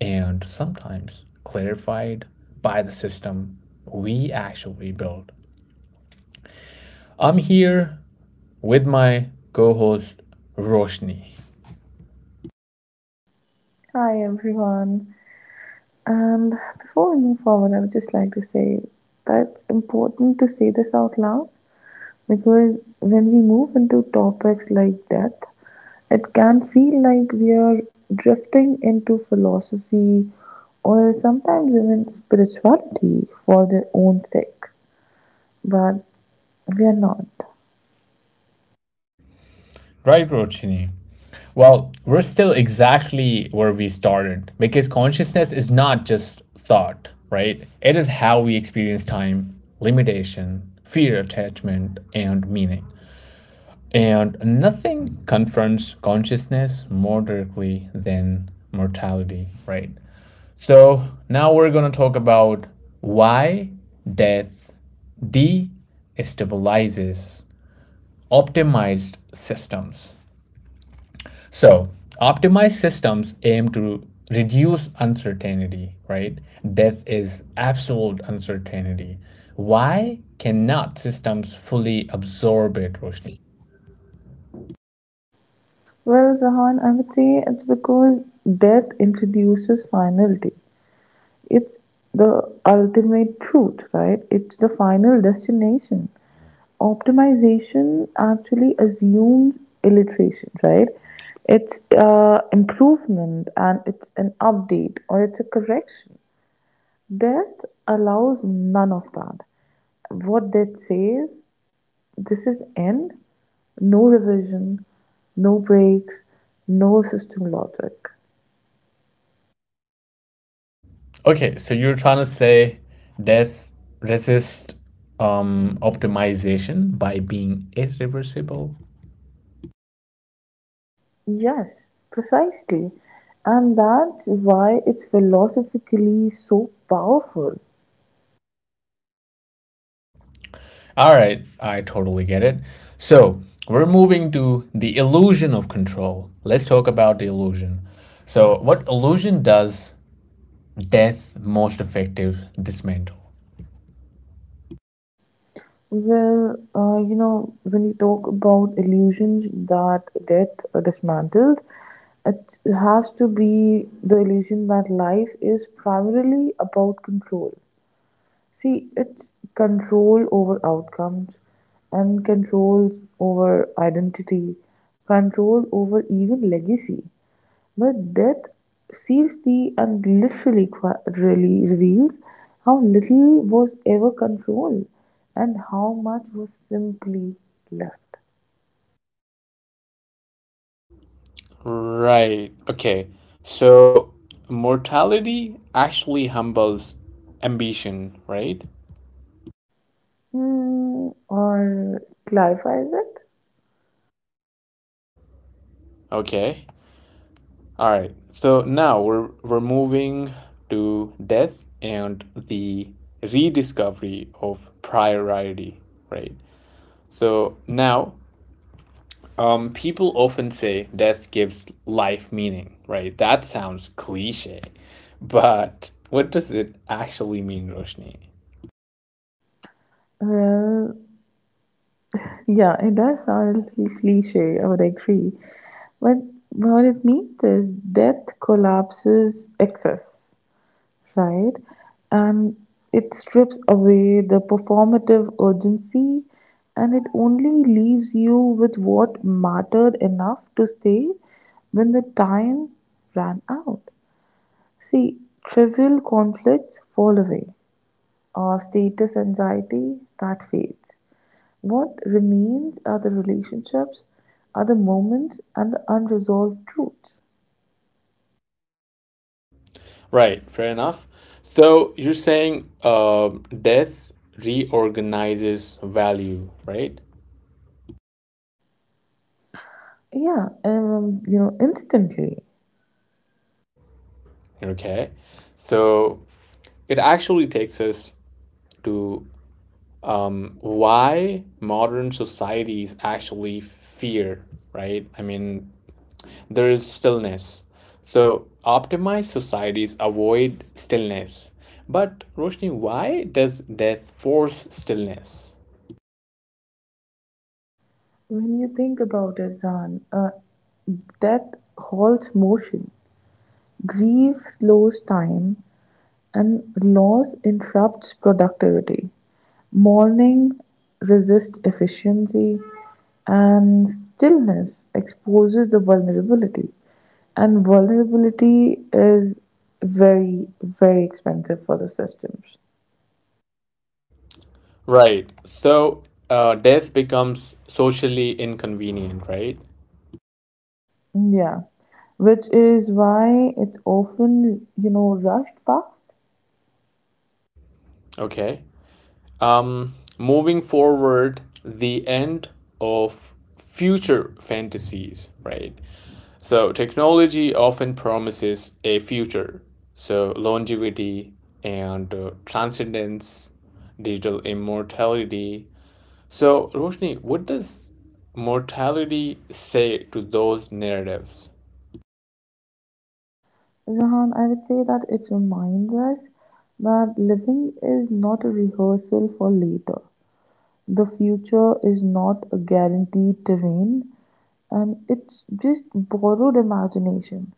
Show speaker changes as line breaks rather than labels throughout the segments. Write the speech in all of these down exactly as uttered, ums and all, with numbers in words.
and sometimes clarified by the system we actually build. I'm here with my co host, Roshni.
Hi everyone. And before we move forward, I would just like to say that it's important to say this out loud because when we move into topics like death, it can feel like we are drifting into philosophy or sometimes even spirituality for their own sake. But we are not.
Right, Roshni? Well, we're still exactly where we started because consciousness is not just thought, right? It is how we experience time, limitation, fear, attachment, and meaning. And nothing confronts consciousness more directly than mortality, right? So now we're going to talk about why death destabilizes optimized systems. So, optimized systems aim to reduce uncertainty, right? Death is absolute uncertainty. Why cannot systems fully absorb it, Roshni?
Well, Zahan, I would say it's because death introduces finality. It's the ultimate truth, right? It's the final destination. Optimization actually assumes iteration, right? It's uh, improvement and it's an update or it's a correction. Death allows none of that. What death says, this is end, no revision, no breaks, no system logic.
Okay, so you're trying to say death resists um, optimization by being irreversible?
Yes, precisely. And that's why it's philosophically so powerful.
All right, I totally get it. So we're moving to the illusion of control. Let's talk about the illusion. So, what illusion does death most effective dismantle?
Well, uh, you know, when you talk about illusions that death dismantles, it has to be the illusion that life is primarily about control. See, it's control over outcomes and control over identity, control over even legacy. But death seriously and literally qui- really reveals how little was ever controlled and how much was simply left.
Right, okay. So, mortality actually humbles ambition, right?
Hmm, or clarifies it?
Okay. All right. So now we're we're moving to death and the rediscovery of priority, right? So now, um, people often say death gives life meaning, right? That sounds cliche, but what does it actually mean, Roshni?
Well, yeah, it does sound a little cliche, I would agree. But what it means is death collapses excess, right? And it strips away the performative urgency and it only leaves you with what mattered enough to stay when the time ran out. See, trivial conflicts fall away, or status anxiety that fades. What remains are the relationships, are the moments, and the unresolved truths.
Right. Fair enough. So you're saying, uh, death reorganizes value, right?
Yeah, um, you know, instantly.
Okay. So it actually takes us to um, why modern societies actually fear, right? I mean, there is stillness. So optimized societies avoid stillness. But Roshni, why does death force stillness?
When you think about it, Zan, uh, death halts motion, grief slows time, and loss interrupts productivity. Mourning resists efficiency, and stillness exposes the vulnerability. And vulnerability is very, very expensive for the systems.
Right. So uh, death becomes socially inconvenient, right?
Yeah, which is why it's often, you know, rushed past.
Okay. Um, moving forward, the end of future fantasies, right? So technology often promises a future, so longevity and uh, transcendence, digital immortality. So Roshni, what does mortality say to those narratives?
Jahan, I would say that it reminds us that living is not a rehearsal for later. The future is not a guaranteed terrain, and it's just borrowed imagination.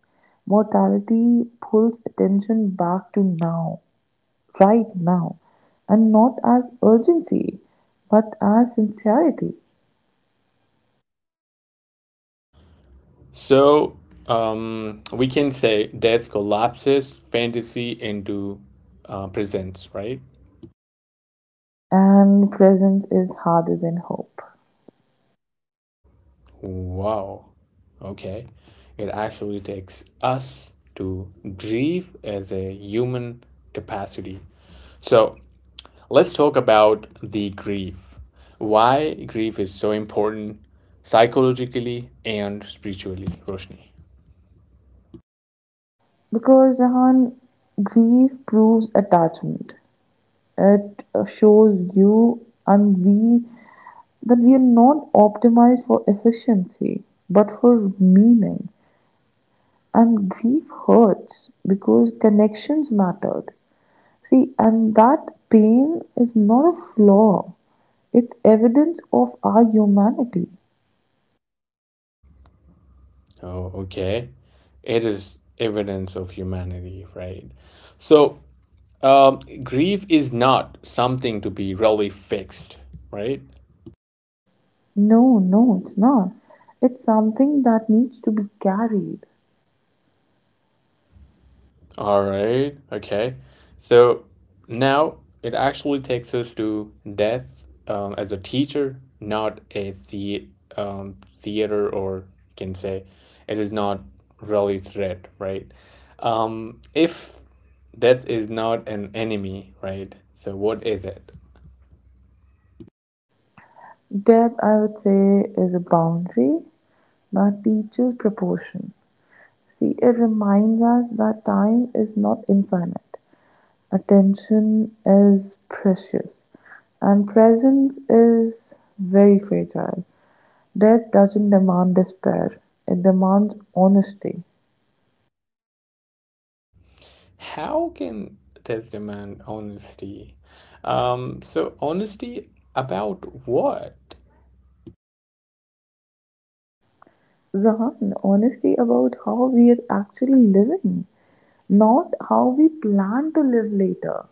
Mortality pulls attention back to now, right now, and not as urgency, but as sincerity.
So um, we can say death collapses fantasy into uh, presence, right?
And presence is harder than hope.
Wow. Okay. It actually takes us to grieve as a human capacity. So let's talk about the grief. Why grief is so important psychologically and spiritually, Roshni.
Because, Jahan, grief proves attachment. It uh, shows you and we that we are not optimized for efficiency but for meaning, and grief hurts because connections mattered. See, and that pain is not a flaw, it's evidence of our humanity.
Oh, okay. It is evidence of humanity, right? So um, grief is not something to be really fixed, right?
No, no, it's not, it's something that needs to be carried.
All right. Okay. So now it actually takes us to death um, as a teacher, not a the um, theater, or you can say it is not really threat, right? Um, if death is not an enemy, right? So what is it?
Death, I would say, is a boundary that teaches proportion. See, it reminds us that time is not infinite, attention is precious, and presence is very fragile. Death doesn't demand despair, it demands honesty.
How can death demand honesty? Um, so honesty about what?
Zahan, honesty about how we are actually living, not how we plan to live later.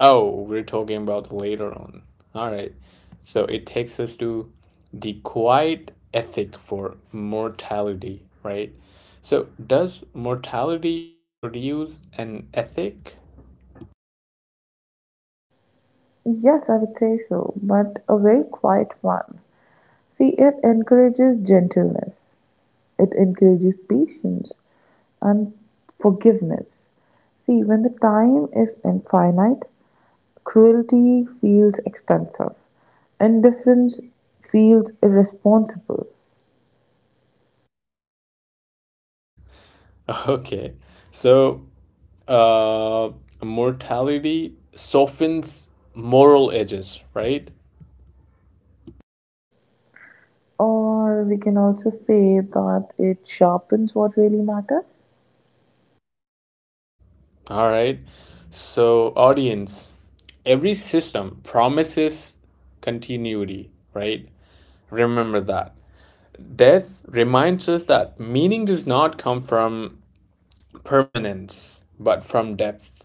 Oh, we're talking about later on. All right. So it takes us to the quiet ethic for mortality, right? So does mortality produce an ethic?
Yes, I would say so, but a very quiet one. See, it encourages gentleness, it encourages patience, and forgiveness. See, when the time is infinite, cruelty feels expensive, indifference feels irresponsible.
Okay. So uh, mortality softens moral edges, right?
Or we can also say that it sharpens what really matters.
All right. So, audience, every system promises continuity, right? Remember that. Death reminds us that meaning does not come from permanence, but from depth.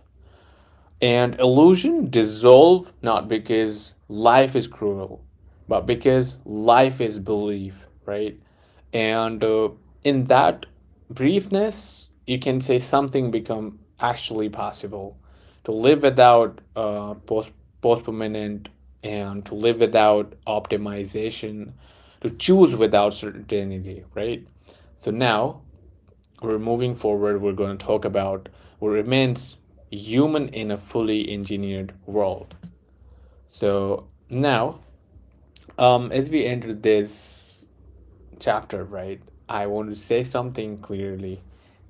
And illusion dissolve not because life is cruel, but because life is belief, right? And uh, in that briefness, you can say something become actually possible. To live without uh, post postponement and to live without optimization, to choose without certainty, right? So now we're moving forward, we're going to talk about what remains human in a fully engineered world. So now, um, as we enter this chapter, right, I want to say something clearly.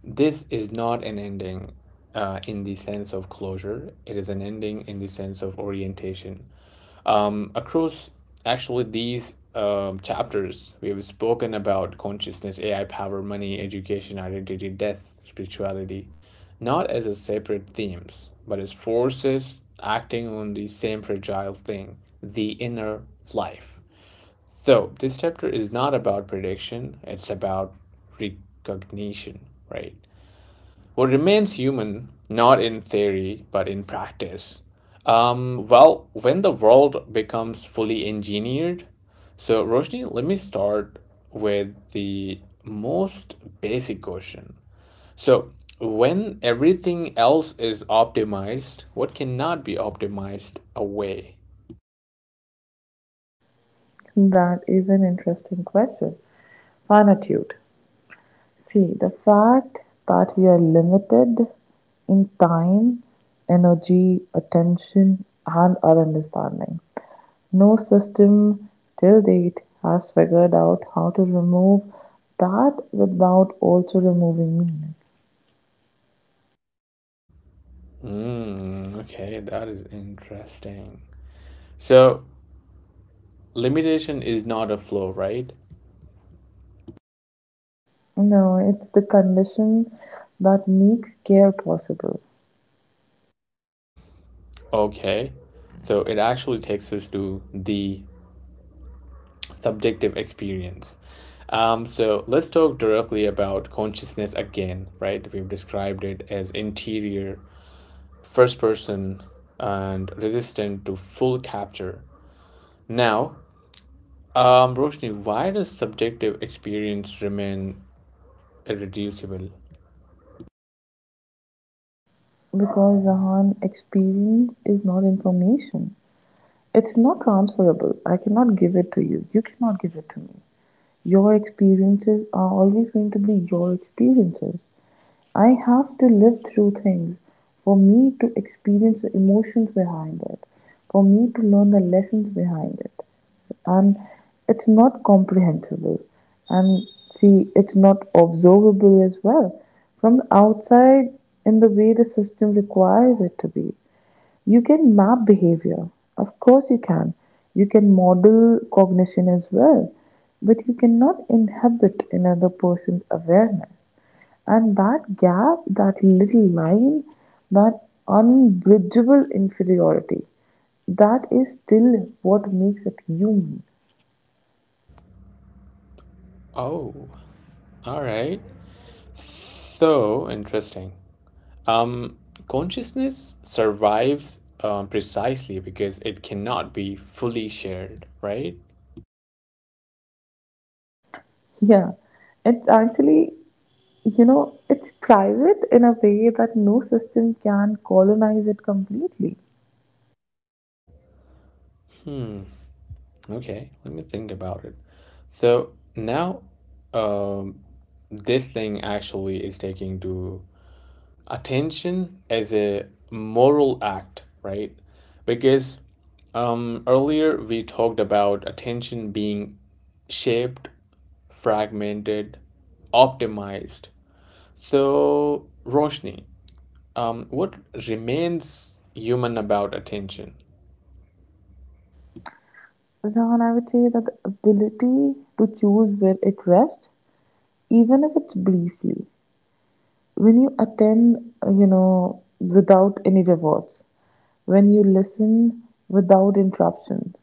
This is not an ending uh, in the sense of closure, it is an ending in the sense of orientation. Um, across actually these um, chapters, we have spoken about consciousness, A I, power, money, education, identity, death, spirituality, not as a separate themes, but as forces acting on the same fragile thing, the inner life. So this chapter is not about prediction; it's about recognition, right? What remains human, not in theory, but in practice? Um, well, when the world becomes fully engineered. So, Roshni, let me start with the most basic question. So, when everything else is optimized, what cannot be optimized away?
That is an interesting question. Finitude. See, the fact that we are limited in time, energy, attention, and our understanding. No system till date has figured out how to remove that without also removing meaning.
Hmm, okay, that is interesting. So, limitation is not a flaw, right?
No, it's the condition that makes care possible.
Okay. So it actually takes us to the subjective experience. Um, so let's talk directly about consciousness again, right? We've described it as interior, first person, and resistant to full capture. Now, um, Roshni, why does subjective experience remain irreducible?
Because, Rahan, experience is not information. It's not transferable. I cannot give it to you. You cannot give it to me. Your experiences are always going to be your experiences. I have to live through things for me to experience the emotions behind it, for me to learn the lessons behind it. And it's not comprehensible. And see, it's not observable as well from the outside in the way the system requires it to be. You can map behavior, of course, you can. You can model cognition as well, but you cannot inhabit another person's awareness. And that gap, that little line, that unbridgeable inferiority, that is still what makes it human.
Oh, all right. So interesting. Um, Consciousness survives um, precisely because it cannot be fully shared, right?
Yeah, it's actually, you know, it's private in a way that no system can colonize it completely.
Okay, let me think about it. So now, um, this thing actually is taking to attention as a moral act, right? Because um, earlier we talked about attention being shaped, fragmented, optimized. So, Roshni, Um, what remains human about attention?
Rahan, I would say that the ability to choose where it rests, even if it's briefly, when you attend, uh, you know, without any rewards, when you listen without interruptions,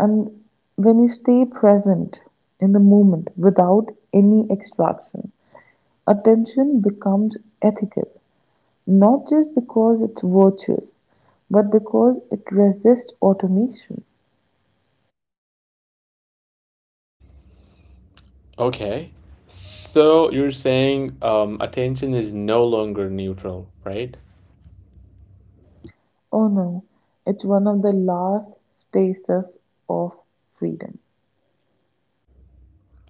and when you stay present in the moment without any extraction, attention becomes ethical, not just because it's virtuous, but because it resists automation.
Okay. So you're saying um, attention is no longer neutral, right?
Oh no, it's one of the last spaces of freedom.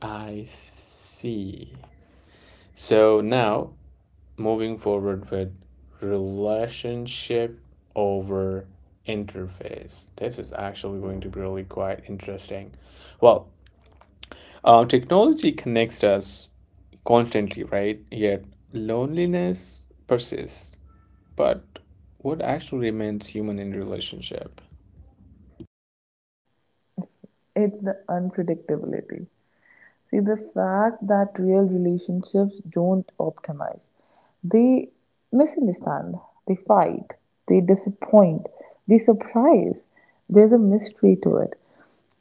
I see. So now, moving forward with relationship over interface. This is actually going to be really quite interesting. Well, uh, technology connects us constantly, right? Yet loneliness persists. But what actually remains human in relationship?
It's the unpredictability. See, the fact that real relationships don't optimize, they misunderstand, they fight, they disappoint, they surprise. There's a mystery to it.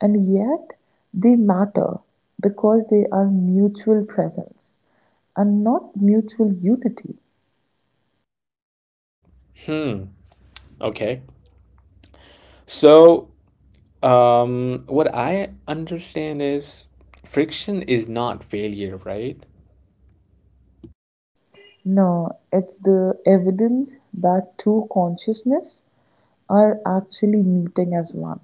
And yet, they matter because they are mutual presence and not mutual unity.
Hmm. Okay. So, um, what I understand is friction is not failure, right?
No, it's the evidence that two consciousness are actually meeting as one.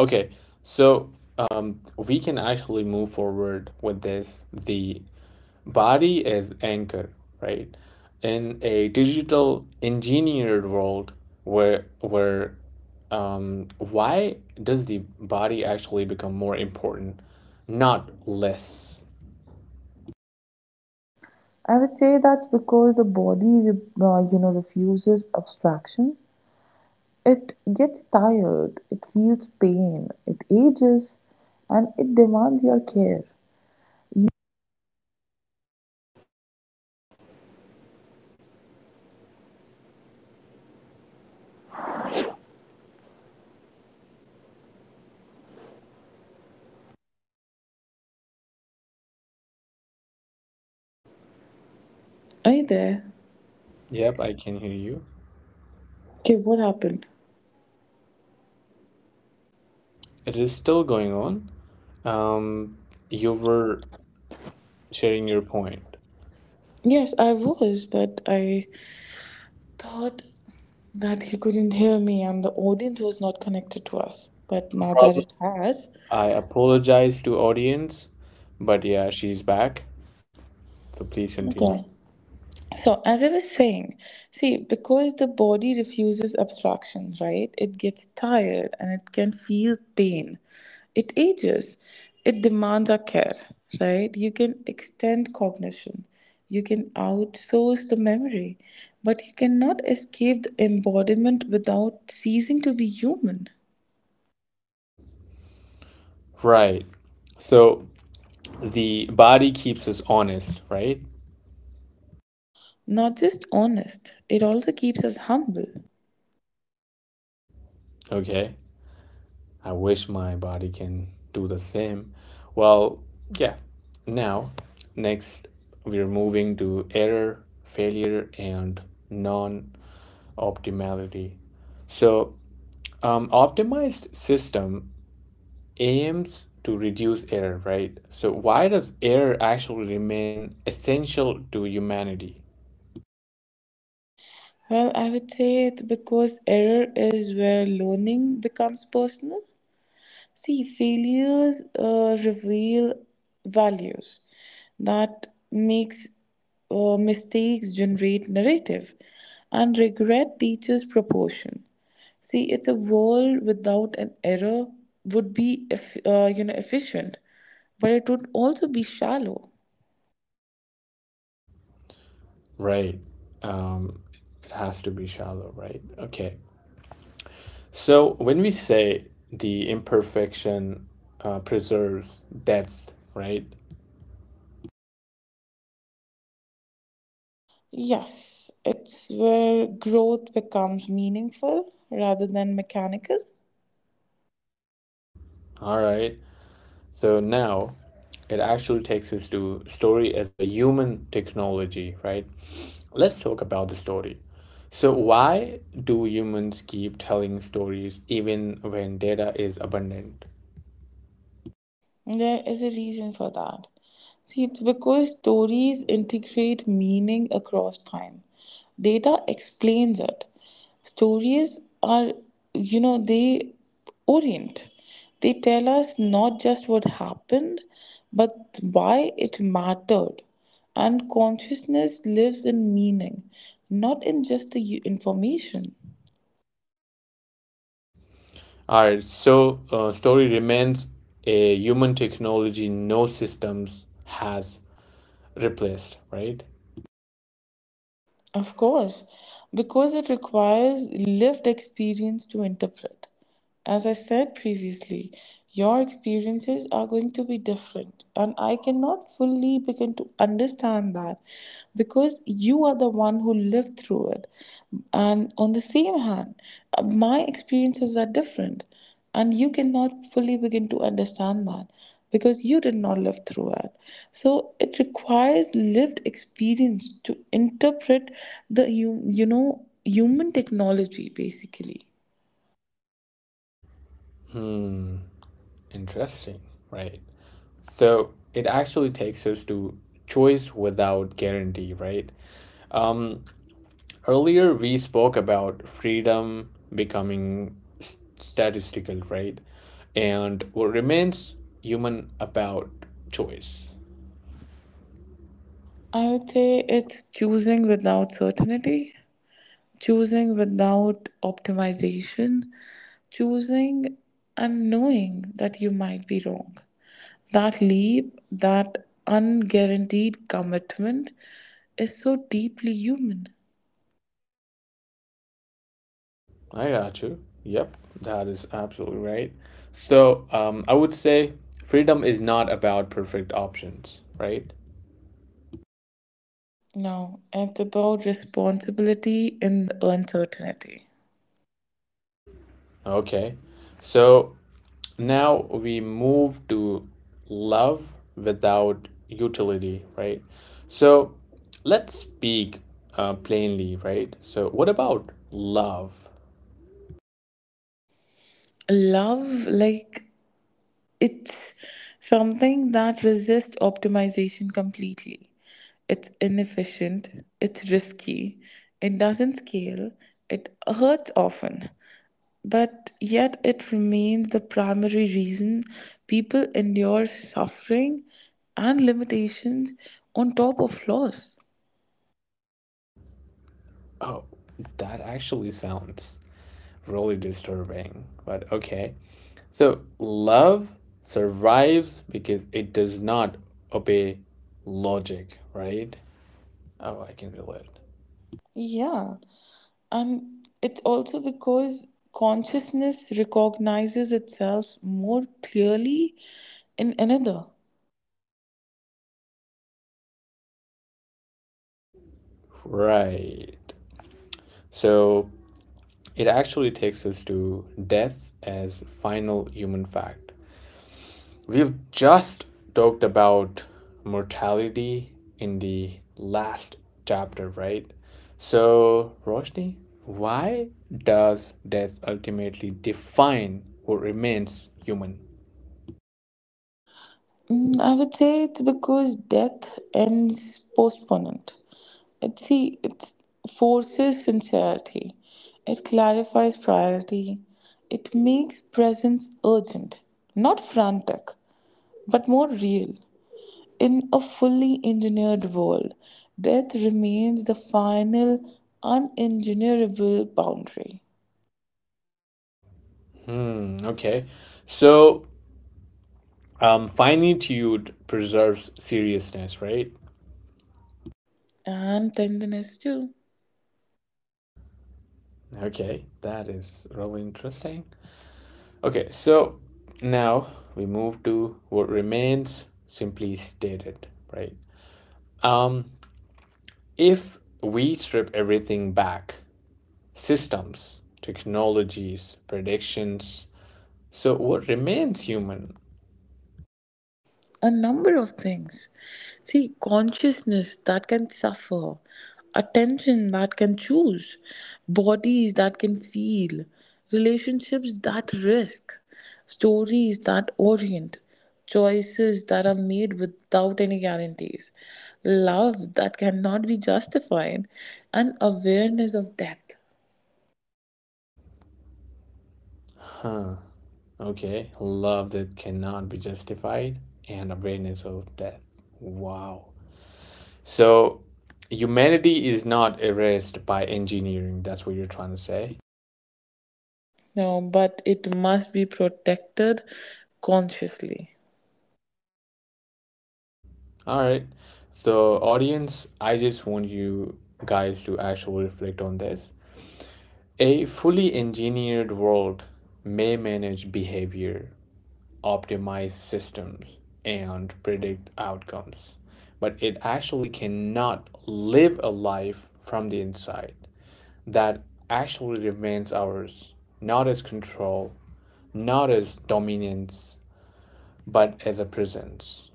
Okay, so um, we can actually move forward with this. The body is anchor, right? In a digital engineered world, where where um, why does the body actually become more important, not less?
I would say that's because the body, uh, you know, refuses abstraction. It gets tired, it feels pain, it ages, and it demands your care. Are you there?
Yep, I can hear you.
Okay, what happened?
It is still going on. Um, you were sharing your point.
Yes, I was, but I thought that you couldn't hear me and the audience was not connected to us. But
No
now that
problem.
it has,
I apologize to audience, but yeah, she's back. So please continue.
okay. So, as I was saying, see, because the body refuses abstraction, right? It gets tired and it can feel pain. It ages. It demands our care, right? You can extend cognition. You can outsource the memory, but you cannot escape the embodiment without ceasing to be human.
Right. So the body keeps us honest, right?
Not just honest, it also keeps us humble.
Okay. I wish my body can do the same. Well, yeah. Now, next, we're moving to error, failure, and non optimality. So, um, optimized system aims to reduce error, right? So why does error actually remain essential to humanity?
Well, I would say it because error is where learning becomes personal. See, failures uh, reveal values that makes uh, mistakes generate narrative, and regret teaches proportion. See, it's a world without an error would be eff- uh, you know, efficient, but it would also be shallow.
Right. Um, it has to be shallow, right? Okay. So when we say the imperfection uh, preserves depth, right?
Yes, it's where growth becomes meaningful rather than mechanical.
All right. So now it actually takes us to story as a human technology, right? Let's talk about the story. So, why do humans keep telling stories even when data is abundant?
There is a reason for that. See, it's because stories integrate meaning across time. Data explains it. Stories are, you know, they orient. They tell us not just what happened, but why it mattered. And consciousness lives in meaning, not in just the u- information.
All right, so uh, story remains a human technology no systems has replaced, right?
Of course, because it requires lived experience to interpret. As I said previously, your experiences are going to be different, and I cannot fully begin to understand that because you are the one who lived through it. And on the same hand, uh, my experiences are different, and you cannot fully begin to understand that because you did not live through it. So it requires lived experience to interpret the hum- you know, human technology basically.
Hmm, interesting, right? So, it actually takes us to choice without guarantee, right? Earlier, we spoke about freedom becoming s- statistical, right? And what remains human about choice.
I would say it's choosing without certainty, choosing without optimization, choosing and knowing that you might be wrong. That leap, that unguaranteed commitment is so deeply human.
I got you. Yep, that is absolutely right. So, um, I would say freedom is not about perfect options, right?
No, it's about responsibility in the uncertainty.
Okay. So, now we move to love without utility, right? So let's speak uh, plainly, right? So, what about love?
Love, like, it's something that resists optimization completely. It's inefficient, it's risky, it doesn't scale, it hurts often, but yet it remains the primary reason people endure suffering and limitations on top of loss.
Oh, that actually sounds really disturbing, but okay. So, love survives because it does not obey logic, right? Oh, I can relate.
Yeah. Um, it's also because consciousness recognizes itself more clearly in another.
Right. So, it actually takes us to death as final human fact. We've just talked about mortality in the last chapter, right? So, Roshni, why does death ultimately define what remains human?
Mm, I would say it's because death ends postponent. It, see, it forces sincerity. It clarifies priority. It makes presence urgent, not frantic, but more real. In a fully engineered world, death remains the final unengineerable boundary.
Hmm, okay. So, um, finitude preserves seriousness, right?
And tenderness too.
Okay, that is really interesting. Okay, so now we move to what remains simply stated, right? Um, if we strip everything back, systems, technologies, predictions, so what remains human?
A number of things. See, consciousness that can suffer, attention that can choose, bodies that can feel, relationships that risk, stories that orient, choices that are made without any guarantees, love that cannot be justified, and awareness of death.
Huh, okay, love that cannot be justified and awareness of death. Wow. So humanity is not erased by engineering, that's what you're trying to say.
No, but it must be protected consciously.
All right. So, audience, I just want you guys to actually reflect on this. A fully engineered world may manage behavior, optimize systems, and predict outcomes, but it actually cannot live a life from the inside that actually remains ours, not as control, not as dominance, but as a presence.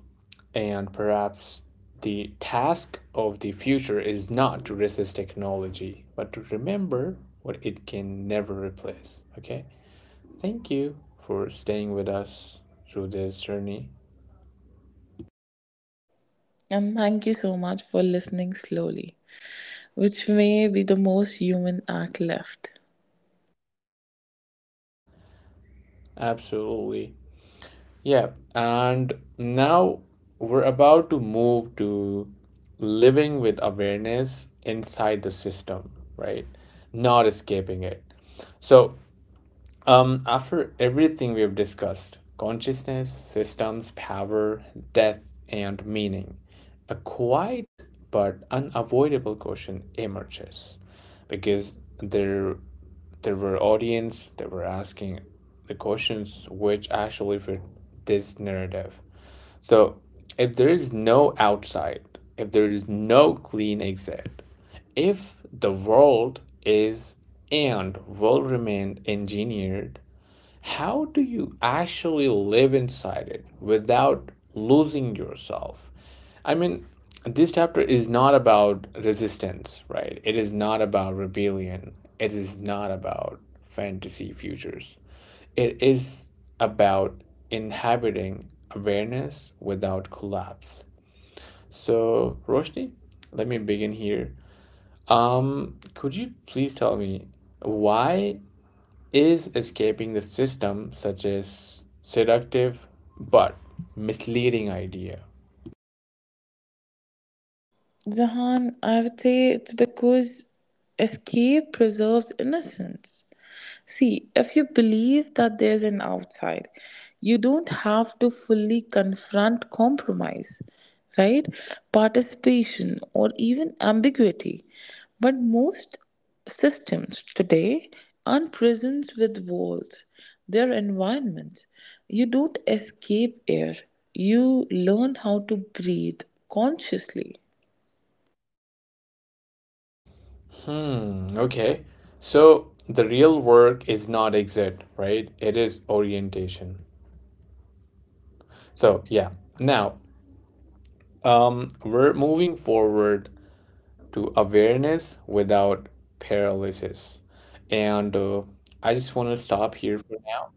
And perhaps the task of the future is not to resist technology, but to remember what it can never replace. Okay? Thank you for staying with us through this journey.
And thank you so much for listening slowly, which may be the most human act left.
Absolutely. Yeah. And now we're about to move to living with awareness inside the system, right? Not escaping it. So Um, after everything we've discussed consciousness, systems, power, death, and meaning a quiet but unavoidable question emerges because there, there were audience that were asking the questions which actually fit this narrative. So, if there is no outside, if there is no clean exit, if the world is and will remain engineered how do you actually live inside it without losing yourself? I mean, this chapter is not about resistance, right? It is not about rebellion. It is not about fantasy futures. It is about inhabiting awareness without collapse. So, Roshni, let me begin here. Um, could you please tell me why is escaping the system, such as seductive but misleading idea.
Zahan, I would say it's because escape preserves innocence. See, if you believe that there's an outside, you don't have to fully confront compromise, right? Participation or even ambiguity. But most systems today aren't prisons with walls, they're environments. You don't escape air, you learn how to breathe consciously.
Hmm, okay. So the real work is not exit, right? It is orientation. So, yeah. Now, um, we're moving forward to awareness without paralysis. And uh, I just want to stop here for now.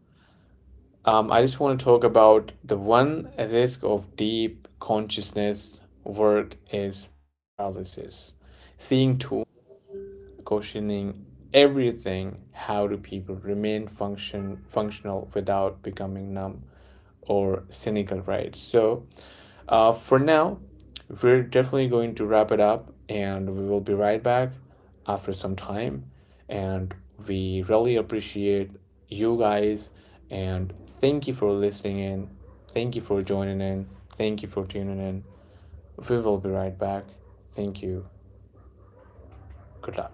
Um, I just want to talk about the one risk of deep consciousness work is paralysis. Seeing too, questioning everything. How do people remain function functional without becoming numb or cynical? Right. So uh, for now, we're definitely going to wrap it up and we will be right back after some time. And we really appreciate you guys and thank you for listening in. Thank you for joining in. Thank you for tuning in. We will be right back. Thank you. Good luck.